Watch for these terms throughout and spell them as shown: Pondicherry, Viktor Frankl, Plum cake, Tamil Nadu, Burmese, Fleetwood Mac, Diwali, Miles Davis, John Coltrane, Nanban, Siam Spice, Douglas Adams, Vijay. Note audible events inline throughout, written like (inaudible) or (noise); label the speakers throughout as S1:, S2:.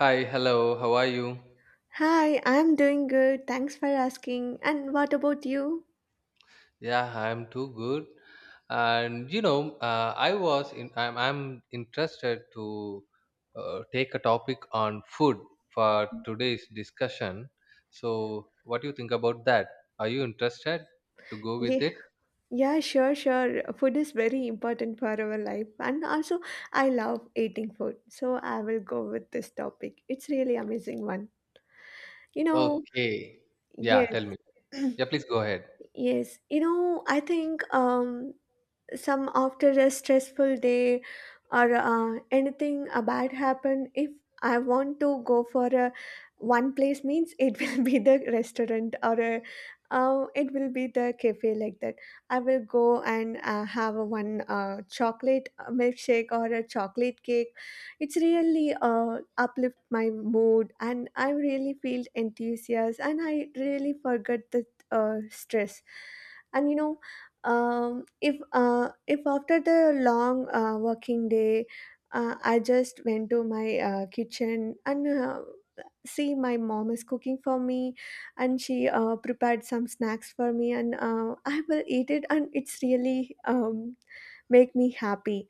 S1: Hi, hello, how are you?
S2: Hi, I'm doing good. Thanks for asking. And what about you?
S1: Yeah, I'm too good. And you know, I'm interested to take a topic on food for today's discussion. So, what do you think about that? Are you interested to go
S2: Yeah,
S1: with it?
S2: yeah, sure, sure. Food is very important for our life. And also, I love eating food. So I will go with this topic. It's really amazing one. You know,
S1: Okay. Yeah,
S2: yes,
S1: tell me.
S2: (clears throat)
S1: Yeah, please go ahead.
S2: yes. You know, I think some after a stressful day, or anything a bad happen, if I want to go for a one place means it will (laughs) be the restaurant or a it will be the cafe, like that I will go and have a one chocolate milkshake or a chocolate cake. It's really uplift my mood, and I really feel enthusiastic, and I really forget the stress. And if if after the long working day, I just went to my kitchen and see my mom is cooking for me, and she prepared some snacks for me, and I will eat it, and it's really make me happy.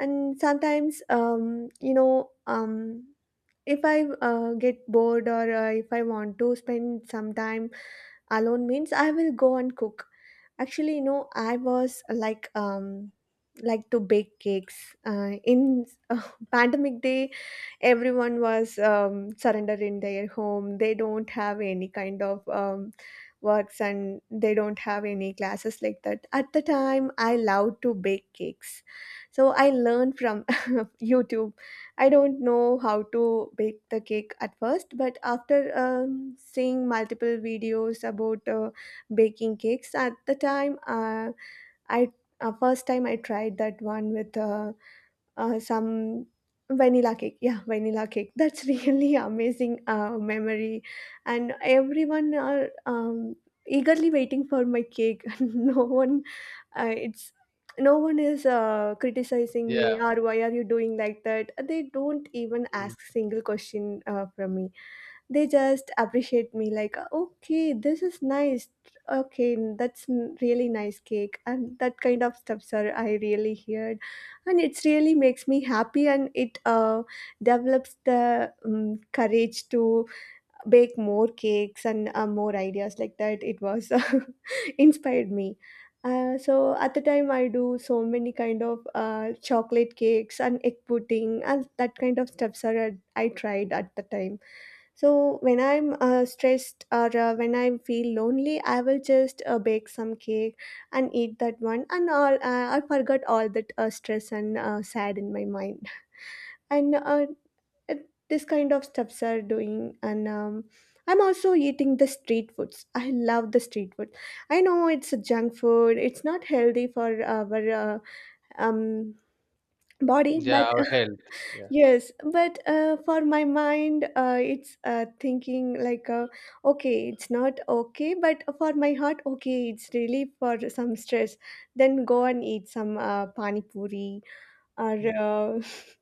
S2: And sometimes if I get bored, or if I want to spend some time alone means I will go and cook. Actually, I was like to bake cakes in uh, (laughs) pandemic day. Everyone was surrendered in their home, they don't have any kind of works, and they don't have any classes, like that at the time I loved to bake cakes, so I learned from (laughs) YouTube. I don't know how to bake the cake at first, but after seeing multiple videos about baking cakes at the time, I first time I tried that one with some vanilla cake. Yeah, vanilla cake, that's really (laughs) amazing memory. And everyone are eagerly waiting for my cake, (laughs) no one it's no one is criticizing
S1: Yeah.
S2: me, or why are you doing like that, they don't even
S1: Mm.
S2: ask single question from me. They just appreciate me like, okay, this is nice, okay, that's really nice cake, and that kind of stuff, sir, I really heard. And it's really makes me happy, and it develops the courage to bake more cakes and more ideas like that. It was (laughs) inspired me. So at the time I do so many kind of chocolate cakes and egg pudding and that kind of stuff, sir, I tried at the time. So when I'm stressed or when I feel lonely, I will just bake some cake and eat that one, and all, I forgot all that stress and sad in my mind. And this kind of stuffs are doing, and I'm also eating the street foods. I love the street food. I know it's a junk food. It's not healthy for our um, body,
S1: Yeah,
S2: but
S1: our health. Yeah.
S2: yes, but for my mind, it's thinking like, okay, it's not okay, but for my heart, okay, it's really for some stress. Then go and eat some pani puri or (laughs)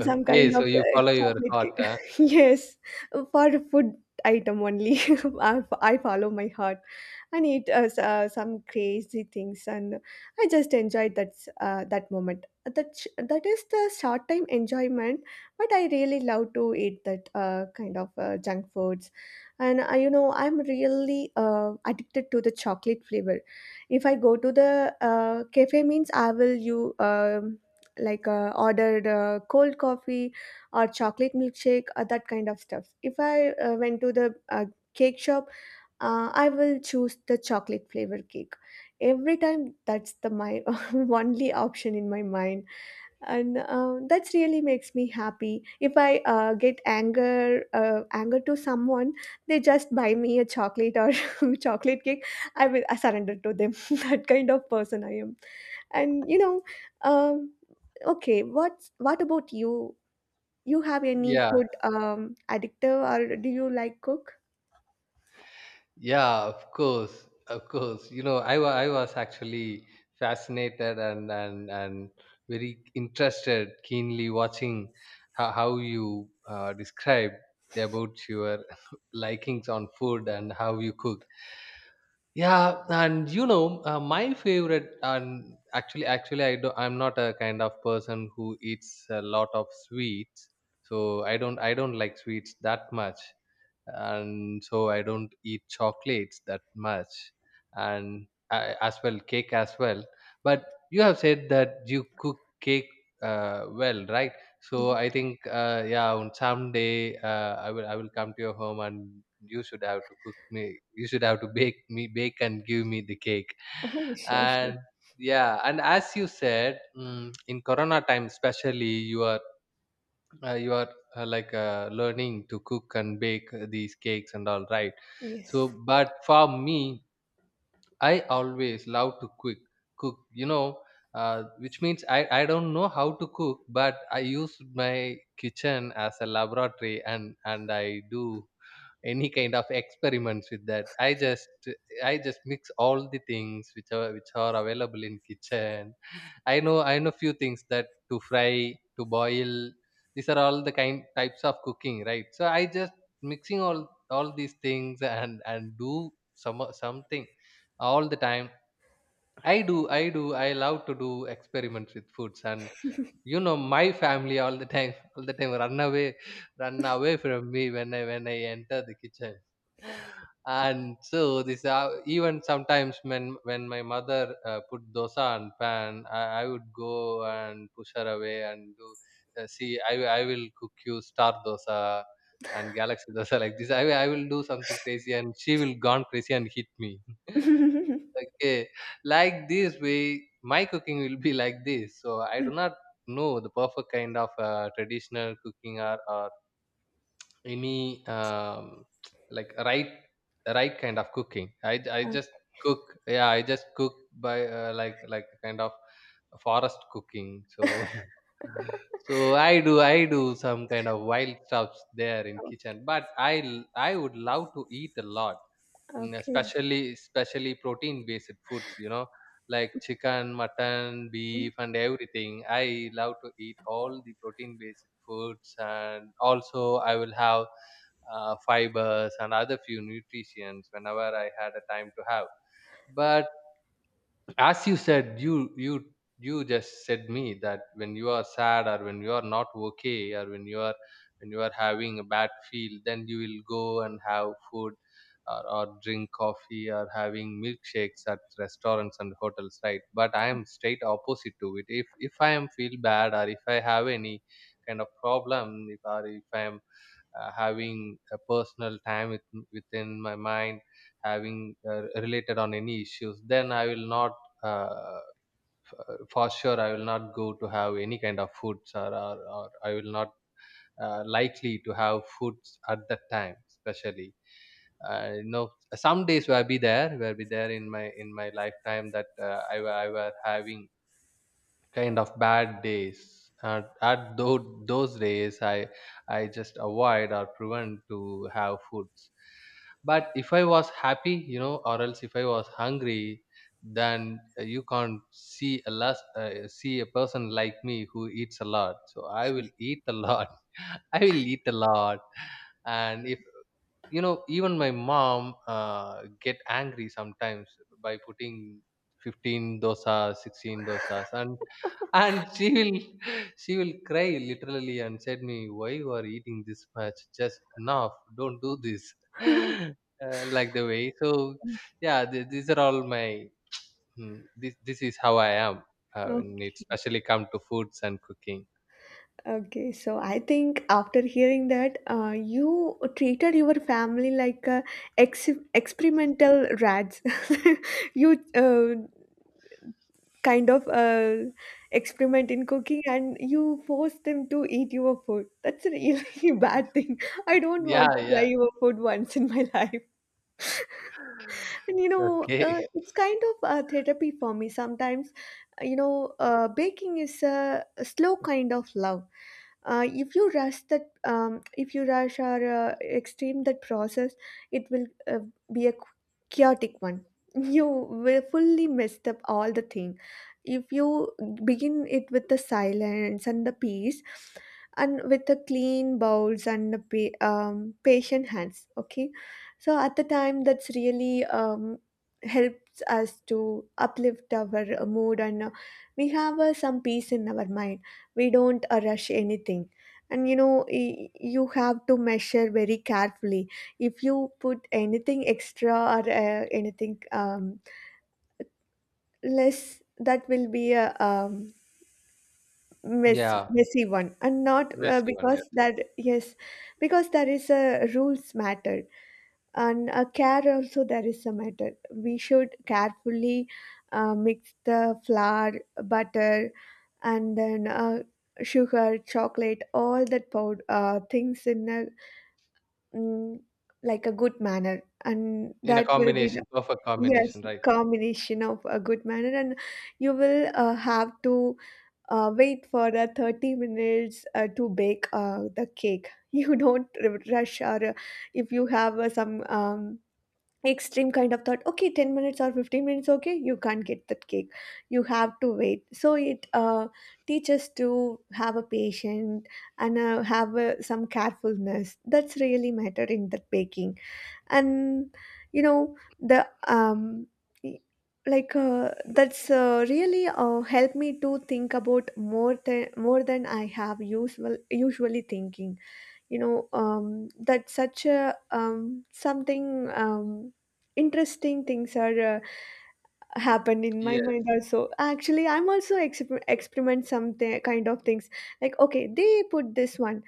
S2: some
S1: Okay,
S2: kind of
S1: so you follow your
S2: chocolate
S1: heart,
S2: cake.
S1: huh?
S2: (laughs) Yes, for food item only. (laughs) I follow my heart and eat some crazy things, and I just enjoyed that that moment. That that is the short time enjoyment, but I really love to eat that kind of junk foods, and I, you know I'm really addicted to the chocolate flavor. If I go to the cafe, means I will you. Like ordered cold coffee or chocolate milkshake or that kind of stuff. If I went to the cake shop, I will choose the chocolate flavor cake every time. That's the my (laughs) only option in my mind. And that's really makes me happy. If I get anger, anger to someone, they just buy me a chocolate or (laughs) chocolate cake, I surrender to them. (laughs) That kind of person I am. And um okay, what about you? You have any
S1: Yeah.
S2: food addictive, or do you like cook?
S1: Yeah, of course, of course. You know, I was actually fascinated and very interested, keenly watching how you described about your (laughs) likings on food and how you cook. Yeah, and you know, my favorite and actually, I'm not a kind of person who eats a lot of sweets, so I don't like sweets that much, and so I don't eat chocolates that much, and I, as well cake as well. But you have said that you cook cake well, right? So
S2: Yes.
S1: I think yeah, on someday I will come to your home, and you should have to cook me. You should have to bake me bake and give me the cake
S2: Oh, sure, sure.
S1: and. Yeah, and as you said, in Corona time especially, you are learning to cook and bake these cakes and all, right? So
S2: Yes.
S1: but for me, I always love to cook you know, which means I don't know how to cook, but I use my kitchen as a laboratory, and I do any kind of experiments with that. I just mix all the things which are available in kitchen. (laughs) I know few things, that to fry, to boil. These are all the kind types of cooking, right? So I just mixing all these things, and do something all the time. I love to do experiments with foods. And you know, my family all the time run away, from me when I enter the kitchen. And so this, even sometimes when my mother put dosa on pan, I would go and push her away and do see, I will cook you star dosa and galaxy (laughs) dosa like this. I will do something crazy, and she will gone crazy and hit me. (laughs)
S2: (laughs)
S1: Okay. Like this way, my cooking will be like this. So I do not know the perfect kind of traditional cooking, or any (tsk) like right kind of cooking. I
S2: Uh,
S1: just cook. Yeah, I just cook by like kind of forest cooking. So (laughs) so I do some kind of wild stuffs there in
S2: oh,
S1: kitchen. But I would love to eat a lot. Mm,
S2: okay.
S1: especially protein based foods, you know, like chicken, mutton, beef, and everything. I love to eat all the protein based foods, and also I will have fibers and other few nutrients whenever I had a time to have. But as you said, you just said me that when you are sad, or when you are not okay, or when you are having a bad feel, then you will go and have food, or drink coffee or having milkshakes at restaurants and hotels, right? But I am straight opposite to it. If I am feel bad, or if I have any kind of problem, if or if I am having a personal time with, within my mind, having related on any issues, then I will not uh, for sure I will not go to have any kind of foods, or I will not likely to have foods at that time, especially. You know, some days where be there in my lifetime, that I were having kind of bad days, at those days, I just avoid or prevent to have foods. But if I was happy, you know, or else if I was hungry, then you can't see see a person like me who eats a lot. So I will eat a lot. (laughs) I will eat a lot. And if you know, even my mom get angry sometimes by putting 15 dosas, 16 dosas, and she will (laughs) she will cry literally and said me, "Why you are eating this much? Just enough. Don't do this."
S2: (laughs)
S1: (laughs) Like the way. So yeah, these are all my. This is how I am.
S2: Oh,
S1: When it especially come to foods and cooking.
S2: okay, so I think after hearing that you treated your family like experimental rats, (laughs) you kind of experiment in cooking and you force them to eat your food. That's a really (laughs) bad thing. I don't want
S1: Yeah,
S2: to try
S1: yeah.
S2: your food once in my (laughs) life. And
S1: Okay.
S2: it's kind of a therapy for me. Sometimes, baking is a slow kind of love. If you rush that, if you rush or extreme that process, it will be a chaotic one. (laughs) You will fully messed up all the thing if you begin it with the silence and the peace, and with the clean bowls and the patient hands, okay? So at the time that's really helps us to uplift our mood, and we have some peace in our mind, we don't rush anything. And you have to measure very carefully. If you put anything extra, or anything less, that will be a
S1: (laughs) Yeah,
S2: messy one, and not
S1: messy one. Yes,
S2: because that, yes, because there is a rules matter, and care also, there is a matter. We should carefully mix the flour, butter, and then sugar, chocolate, all that powder things in a mm, like a good manner, and
S1: in a
S2: that will be the
S1: combination, perfect
S2: yes
S1: combination, right?
S2: combination of a good manner. And you will have to wait for 30 minutes to bake the cake. (laughs) You don't rush or if you have some extreme kind of thought, okay, 10 minutes or 15 minutes, okay, you can't get that cake, you have to wait. So it teaches to have a patient, and have some carefulness, that's really mattered in that baking. And you know the um y- like that's really helped me to think about more than I have usually thinking. You know, that such a something, interesting things are happened in my
S1: Yes.
S2: mind also. Actually, I'm also experiment something kind of things, like, okay, they put this one,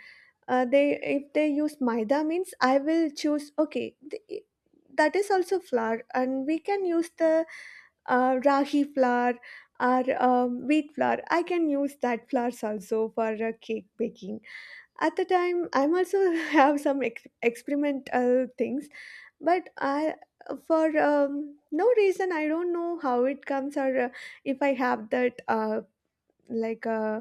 S2: they if they use maida means, I will choose, okay, that is also flour, and we can use the rahi flour, or wheat flour, I can use that flours also for cake baking. At the time I'm also (laughs) have some experimental things. But I, for no reason, I don't know how it comes, or if I have that like uh,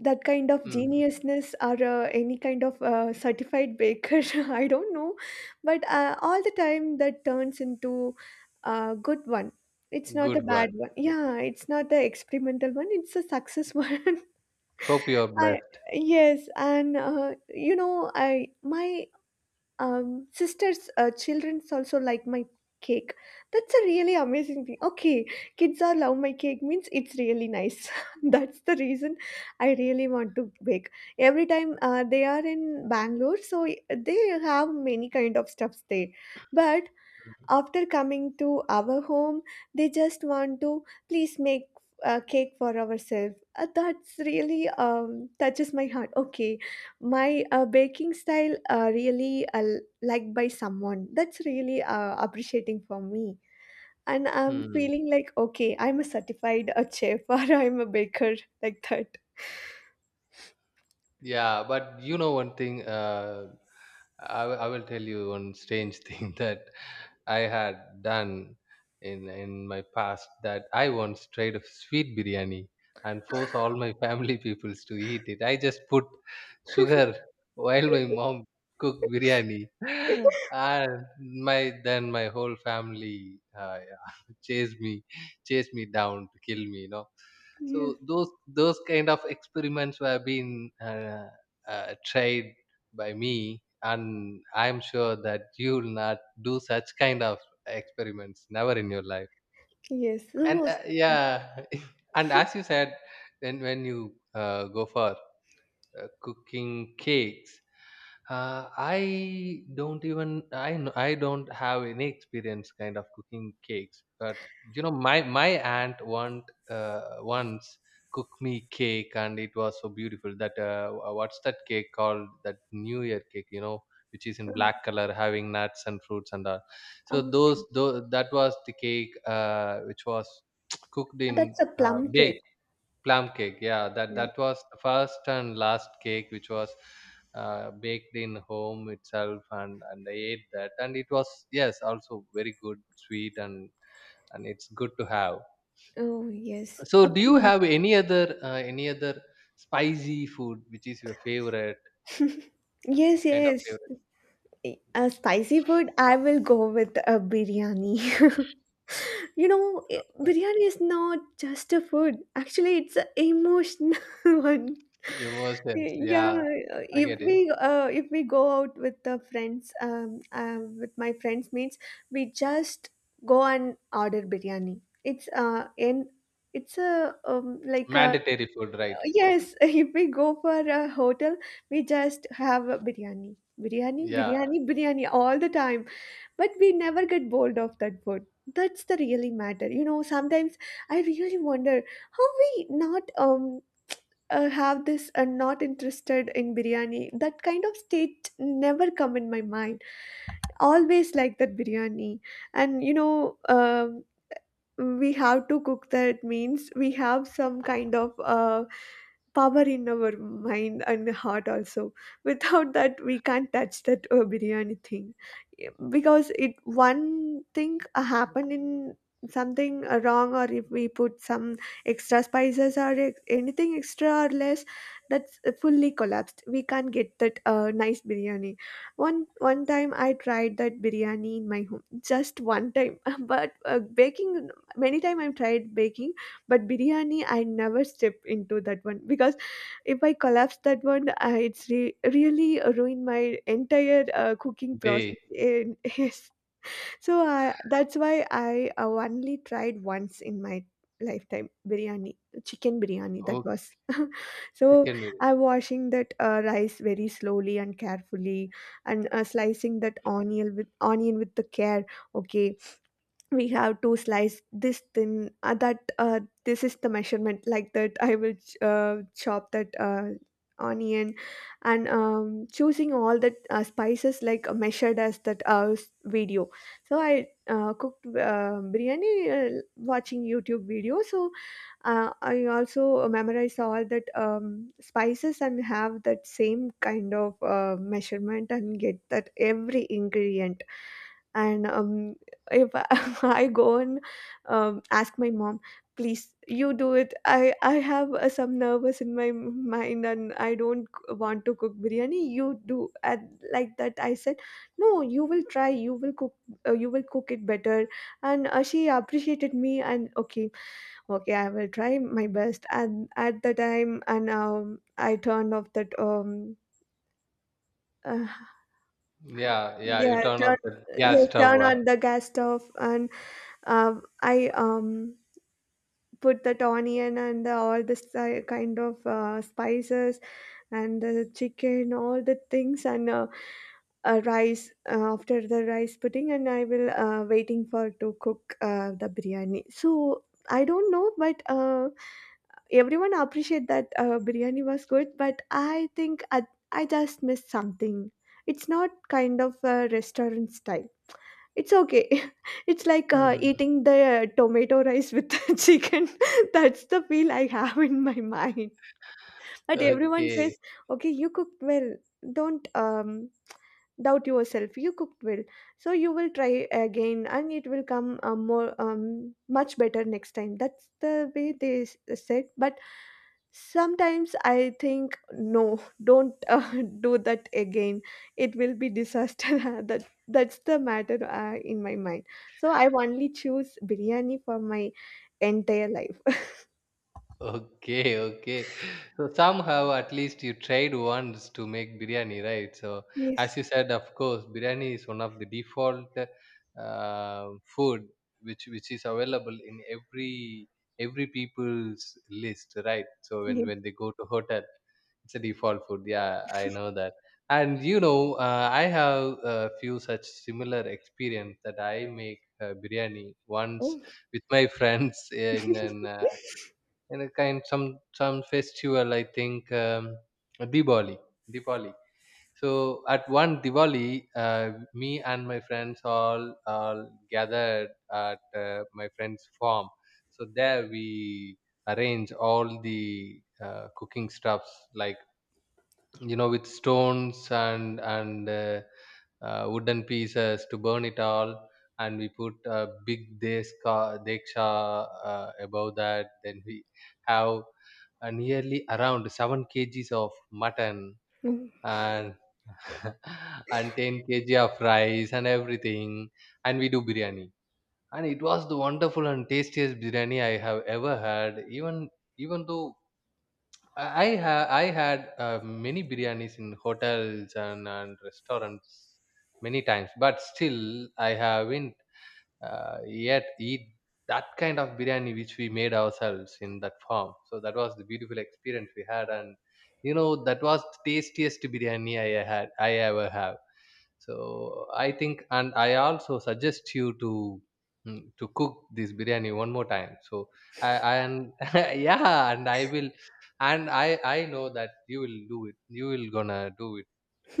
S2: that kind of
S1: Mm.
S2: geniusness, or any kind of certified baker, (laughs) I don't know. But all the time that turns into a good one, it's not a
S1: Good one.
S2: bad one, yeah, it's not the experimental one, it's a success (laughs) one.
S1: Hope you are
S2: I
S1: blessed.
S2: Yes, and you know, I my sister's children's also like my cake. That's a really amazing thing. Okay, kids are love my cake means it's really nice. (laughs) That's the reason I really want to bake. Every time they are in Bangalore, so they have many kind of stuffs there, but after coming to our home, they just want to please make a cake for ourselves. That's really touches my heart. Okay, my baking style really liked by someone. That's really appreciating for me. And I'm
S1: Hmm.
S2: feeling like, okay, I'm a certified a chef (laughs) or I'm a baker like that.
S1: Yeah, but you know, one thing, I will tell you one strange thing (laughs) that I had done in my past, that I once tried a sweet biryani and forced all my (laughs) family peoples to eat it. I just put sugar while my mom cooked biryani, (laughs) and my whole family (laughs) chased me down to kill me. You know,
S2: Yes.
S1: so those kind of experiments were being tried by me, and I'm sure that you will not do such kind of experiments never in your life,
S2: Yes.
S1: right? And
S2: Oh,
S1: yeah, (laughs) and as you said, then when you go for cooking cakes, I don't even I don't have any experience kind of cooking cakes, but you know my aunt want once cooked me cake, and it was so beautiful that what's that cake called? That New Year cake, you know, which is in
S2: uh,
S1: black color, having nuts and fruits and all. So
S2: uh,
S1: those, that was the cake which was (tsk) cooked in,
S2: that's a plum cake.
S1: baked. Plum cake, yeah. That
S2: Yeah.
S1: that was the first and last cake which was baked in home itself, and I ate that, and it was, yes, also very good, sweet, and it's good to have.
S2: Oh, yes.
S1: So, do you
S2: Okay.
S1: have any other spicy food, which is your favorite
S2: (laughs) Yes,
S1: kind of
S2: yes.
S1: favorite?
S2: A spicy food, I will go with a biryani. (laughs) Biryani is not just a food. Actually, it's an emotional (laughs) one.
S1: (laughs) Emotions?
S2: Yeah,
S1: Yeah, I
S2: if
S1: get it.
S2: we uh, if we go out with the friends, with my friends mates, we just go and order biryani. It's a like a
S1: Mandatory food, right?
S2: yes, (laughs) if we go for a hotel, we just have a biryani, biryani,
S1: Yeah,
S2: biryani, biryani all the time. But we never get bored of that food. That's the really matter. You know, sometimes I really wonder how we not have this not interested in biryani. That kind of state never come in my mind. Always like that biryani, and you know. We have to cook that means we have some kind of power in our mind and heart also without that we can't touch that biryani thing. Yeah, because it one thing happened in something wrong, or if we put some extra spices or anything extra or less, that's fully collapsed. We can't get that nice biryani. one One time I tried that biryani in my home, just one time, (laughs) but baking, many time I've tried baking, but biryani, I never step into that one, because if I collapse that one, it's really ruined my entire cooking process.
S1: day.
S2: And (laughs) yes, so that's why I only tried once in my lifetime biryani, chicken biryani. That
S1: Oh,
S2: was (laughs) so.
S1: chicken biryani.
S2: I'm washing that rice very slowly and carefully, and slicing that onion with the care. Okay, we have to slice this thin that this is the measurement, like that I will chop that onion, and choosing all the spices like measured as that video. So I cooked biryani watching YouTube video. So I also memorize all that spices and have that same kind of measurement and get that every ingredient. And if I (laughs) I go and ask my mom, please you do it. I have some nervous in my mind, and I don't want to cook biryani. You do and like that. I said, no, you will try. You will cook. You will cook it better. And she appreciated me and okay, okay, I will try my best. And at the time, and I turned off that Uh,
S1: Yeah, yeah. You
S2: yeah,
S1: turn
S2: turn
S1: off the gas
S2: yes,
S1: stove.
S2: turn
S1: Ah.
S2: on the gas stove. And uh, I put that onion and all this kind of spices and the chicken, all the things, and rice after the rice pudding, and I will waiting for to cook the biryani. So I don't know, but everyone appreciate that biryani was good, but I think I just missed something. It's not kind of a restaurant style. It's okay. (laughs) It's like
S1: Hmm.
S2: eating the tomato rice with the (laughs) chicken. (laughs) That's the feel I have in my mind. But everyone
S1: Okay.
S2: says, okay, you cooked well. Don't doubt yourself. You cooked well. So you will try again and it will come more much better next time. That's the way they said. But sometimes I think, no, don't (laughs) do that again. It will be disaster. (laughs) That's the matter in my mind. So I only choose biryani for my entire life.
S1: Okay, okay. So somehow at least you tried once to make biryani, right? So
S2: Yes.
S1: as you said, of course, biryani is one of the default food, which is available in every people's list, right? So when
S2: Yes.
S1: they go to hotel, it's a default food. Yeah, I know that. And you know, I have a few such similar experience, that I make biryani once
S2: Oh.
S1: with my (laughs) friends in an and a kind, some festival, I think, diwali Diwali. So at one Diwali, uh, me and my friends, all gathered at my friend's farm. So there we arrange all the cooking stuffs, like, you know, with stones and wooden pieces to burn it all, and we put a big deska deksha above that. Then we have nearly around 7 kgs of mutton,
S2: Oh.
S1: and (laughs) and 10 kg of rice and everything, and we do biryani. And it was the wonderful and tastiest biryani I have ever had. Even even though I had many biryanis in hotels and restaurants many times, but still I haven't yet eat that kind of biryani which we made ourselves in that farm. So that was the beautiful experience we had, and you know, that was the tastiest biryani I ever have. So I think, and I also suggest you to, to cook this biryani one more time. So I, and (laughs) yeah, and I will, and I know that you will do it, you will gonna do it,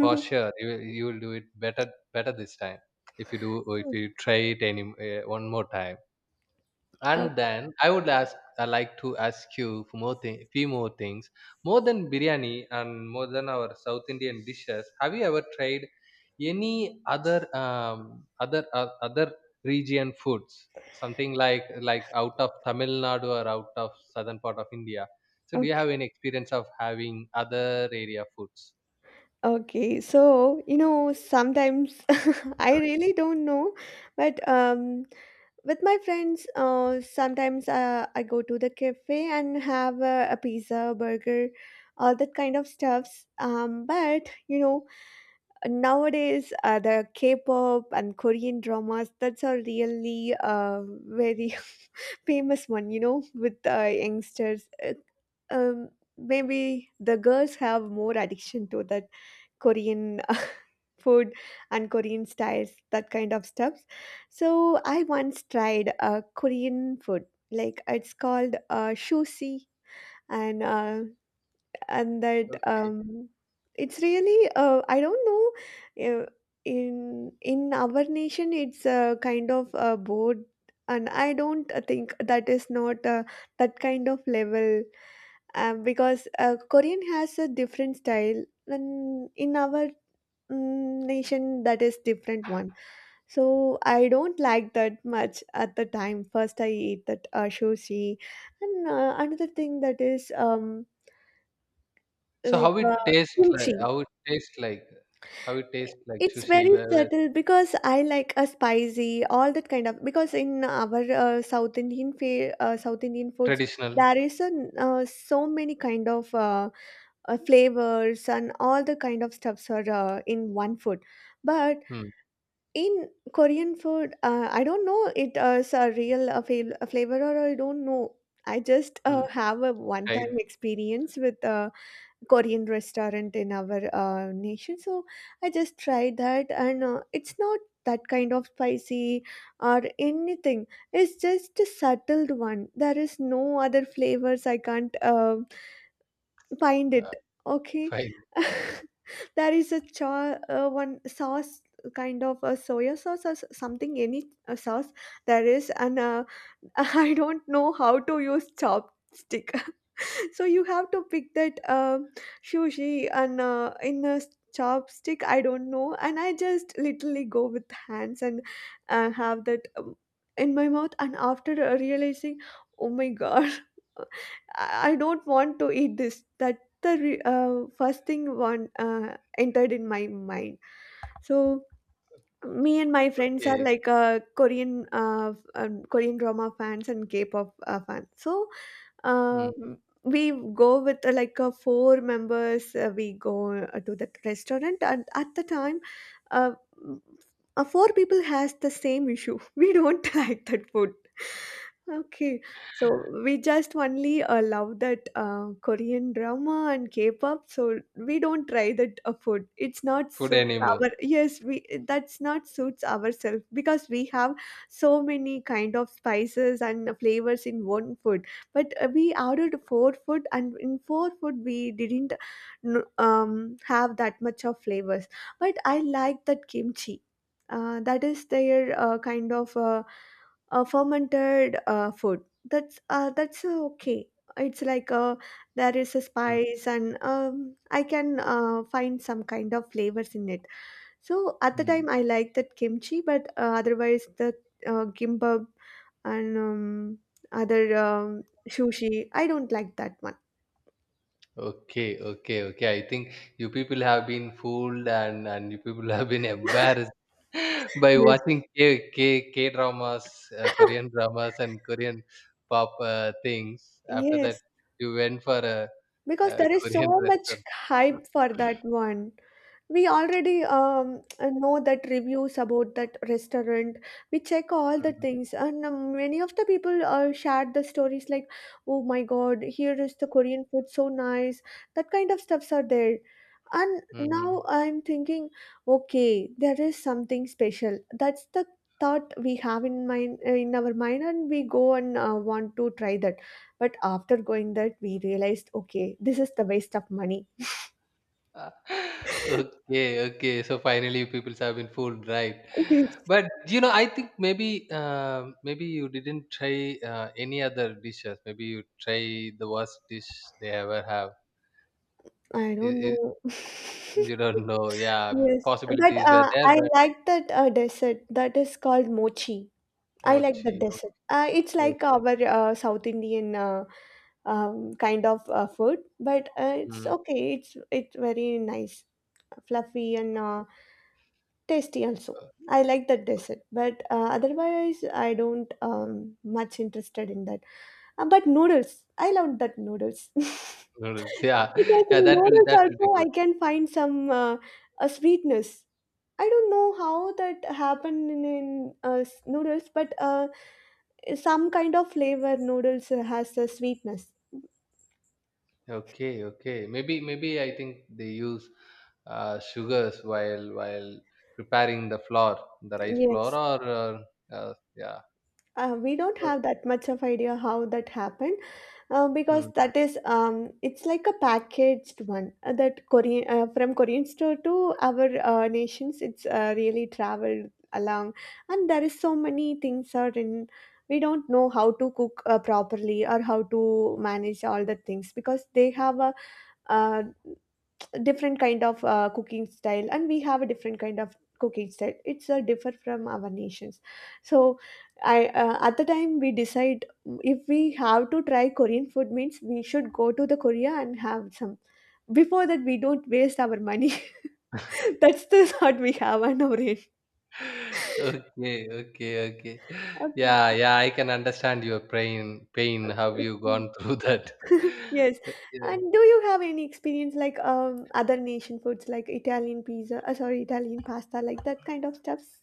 S1: for sure. You you will do it better, this time, if you do, or if you try it any one more time.
S2: O-
S1: And then I would ask, I like to ask you for more thing, few more things. More than biryani, and more than our South Indian dishes, have you ever tried any other region foods? Something like out of Tamil Nadu, or out of southern part of India. So do you
S2: okay.
S1: have any experience of having other area foods?
S2: Okay. So you know, sometimes (laughs) I really don't know, but with my friends, sometimes I go to the cafe and have a pizza, burger, all that kind of stuffs. But you know, nowadays the K-pop and Korean dramas, that's a really very (laughs) famous one. You know, with youngsters, um, maybe the girls have more addiction to that Korean (laughs) food and Korean styles, that kind of stuff. So I once tried a Korean food, like it's called shusi, and uh, and that
S1: Okay.
S2: it's really I don't know in our nation. It's a kind of a board, and I don't think that is not that kind of level, because Korean has a different style, and in our nation that is different one. So I don't like that much. At the time, first I eat that sushi, and another thing, that is
S1: So
S2: like
S1: how it tastes like?
S2: kimchi.
S1: How it tastes like? How it tastes like
S2: It's very
S1: sushi? Where
S2: subtle because I like a spicy, all that kind of. Because in our South Indian foods,
S1: traditional?
S2: there is a so many kind of flavors, and all the kind of stuffs are in one food. But
S1: Hmm.
S2: in Korean food, I don't know it is a real fav- a flavor, or I don't know. I just
S1: Hmm.
S2: have a
S1: Right.
S2: one-time experience with Korean restaurant in our nation. So I just tried that, and it's not that kind of spicy or anything. It's just a subtle one. There is no other flavors. I can't find it.
S1: Uh,
S2: Okay,
S1: 5.
S2: (laughs) there is a cha one sauce, kind of a soya sauce, or something, any sauce there is, and (laughs) I don't know how to use chopstick, so you have to pick that sushi and chopstick, I don't know, and I just literally go with hands and have that in my mouth, and after realizing, oh my god, (laughs) I don't want to eat this. That the first thing one entered in my mind. So me and my friends are
S1: Okay.
S2: like Korean Korean drama fans and K-pop fans. So
S1: Mm.
S2: we go with like four members. We go to that restaurant, and at the time, uh, four people has the same issue. (laughs) We don't like that food. Okay, so we just only love that Korean drama and K-pop, so we don't try that food. It's not
S1: Food
S2: suits
S1: anymore.
S2: our yes, we that's not suits ourselves, because we have so many kind of spices and flavors in one food. But we ordered four food, and in four food we didn't have that much of flavors. But I like that kimchi. That is their kind of. Fermented food. That's okay. It's like there is a
S1: Mm.
S2: spice, and I can find some kind of flavors in it. So at the
S1: Mm.
S2: time, I like that kimchi, but otherwise the gimbap and other sushi, I don't like that one.
S1: Okay, okay, okay. I think you people have been fooled, and you people (laughs) have been embarrassed (laughs) by
S2: Yes.
S1: watching K K K dramas, Korean
S2: (laughs)
S1: dramas and Korean pop things. After that,
S2: Yes,
S1: you went for
S2: because
S1: a
S2: there
S1: (laughs)
S2: is
S1: Korean
S2: so much
S1: restaurant.
S2: hype for that one. We already know that reviews about that restaurant. We check all the
S1: Mm.
S2: things, and many of the people shared the stories like, oh my god, here is the Korean food, so nice, that kind of stuffs are there. And now
S1: Mm.
S2: I'm thinking, okay, there is something special. That's the thought we have in mind, in our mind, and we go and want to try that. But after going that, we realized, okay, this is the waste of money.
S1: (laughs)
S2: (laughs)
S1: Okay, okay. So finally, people have been fooled, right?
S2: Yes,
S1: But you know, I think maybe maybe you didn't try any other dishes. Maybe you try the worst dish they ever have.
S2: I
S1: I-
S2: don't
S1: I-
S2: know. (laughs)
S1: you don't know. Yeah,
S2: Yes, but
S1: possibilities were there,
S2: I
S1: but
S2: like that dessert, that is called mochi.
S1: no
S2: I like the
S1: chio.
S2: dessert. It's like
S1: Okay.
S2: our South Indian kind of food, but it's
S1: Mm.
S2: okay. It's very nice, fluffy, and tasty also.
S1: uh,
S2: I like the dessert, but otherwise I don't much interested in that. But noodles, I love that noodles. (laughs)
S1: Noodles. Yeah,
S2: because
S1: yeah.
S2: in
S1: That will
S2: noodles
S1: be
S2: also I
S1: good.
S2: can find some a sweetness. I don't know how that happened noodles, but some kind of flavor noodles has a sweetness.
S1: Okay, okay. Maybe I think they use sugars while preparing the flour, the rice flour,
S2: Yes,
S1: or yeah.
S2: we don't have
S1: But-
S2: that much of idea how that happened. Because
S1: hmm.
S2: that is it's like a packaged one, that Korean, from Korean store to our nations. It's really traveled along, and there is so many things are in. We don't know how to cook properly or how to manage all the things, because they have a uh, different kind of cooking style, and we have a different kind of cooking style. It's a differ from our nations. So I at the time we decide, if we have to try Korean food means we should go to the Korea and have some. Before that, we don't waste our money. (laughs) that's the thought we have on our end.
S1: (laughs) Okay, okay, okay. Yeah,
S2: Okay,
S1: yeah. I can understand your pain. Pain. How you
S2: okay.
S1: gone through that?
S2: (laughs) yes,
S1: (laughs) Yeah.
S2: and do you have any experience like other nation foods, like Italian pizza, sorry, Italian pasta, like that kind of stuffs?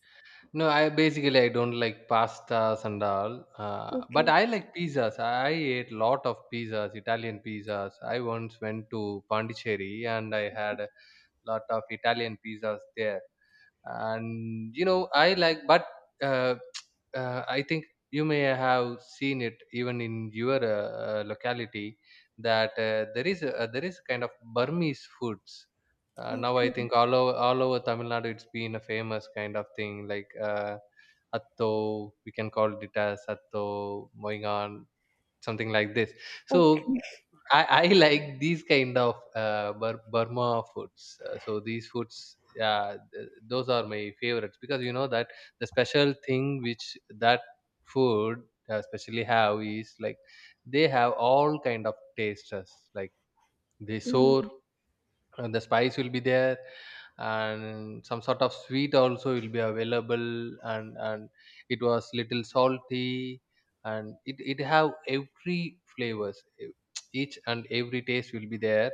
S1: No, I basically I don't like pastas and all. But
S2: Okay,
S1: I like pizzas. I ate lot of pizzas, Italian pizzas. I once went to Pondicherry and I had lot of Italian pizzas there. And you know, I like, but uh, (tsk) I think you may have seen it even in your locality, that there is kind of Burmese foods. Now I
S2: okay,
S1: think all over Tamil Nadu, it's been a famous kind of thing, like. Atto, we can call it as atto, moingan, something like this. So
S2: okay.
S1: I (laughs) like these kind of burma foods, so these foods, yeah, those are my favorites, because you know that the special thing which that food especially have is like, they have all kind of tasters, like, they sour,
S2: Mm,
S1: and the spice will be there, and some sort of sweet also will be available, and it was little salty, and it have every flavors, each and every taste will be there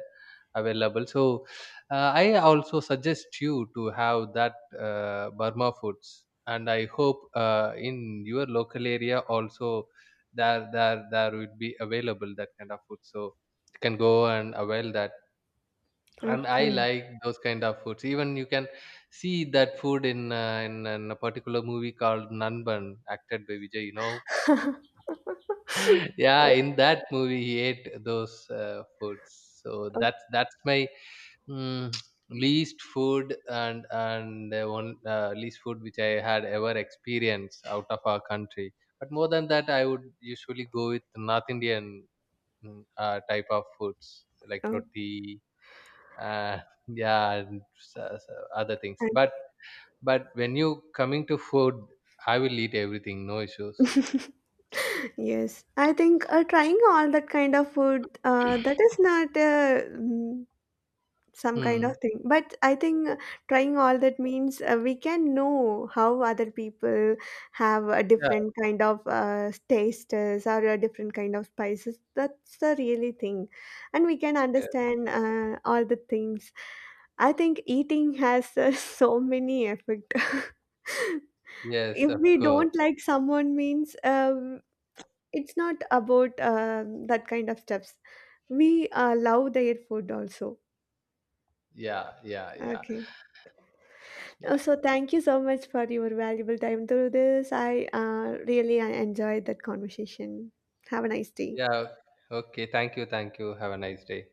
S1: available. So I also suggest you to have that burma foods, and I hope, in your local area also, there would be available that kind of food, so you can go and avail that. And I
S2: okay.
S1: like those kind of foods. Even you can see that food in in a particular movie called Nanban, acted by Vijay, you know.
S2: (laughs)
S1: (laughs) Yeah,
S2: Oh,
S1: in that movie he ate those foods. So
S2: oh,
S1: that's my, mm, (tsk) least food, and the one least food which I had ever experienced out of our country. But more than that, I would usually go with north indian, type of foods, like
S2: oh,
S1: roti, uh, yeah, and so other things.
S2: thank
S1: But
S2: you.
S1: when you coming to food, I will eat everything, no issues.
S2: (laughs) Yes, I think trying all that kind of food that is not some kind of
S1: Hmm.
S2: thing, but I think trying all that means we can know how other people have a
S1: Yeah.
S2: different kind of tastes or a different kind of spices. That's the really thing, and we can
S1: Yes,
S2: understand all the things. I think eating has (laughs) so many effect. (laughs)
S1: yes,
S2: if
S1: of
S2: we
S1: course.
S2: don't like someone means, it's not about that kind of steps. We love their food also.
S1: Yeah, yeah, yeah,
S2: Okay.
S1: yeah,
S2: So thank you so much for your valuable time through this. I really enjoyed that conversation. Have a nice day.
S1: yeah. Okay, thank you, thank you, have a nice day.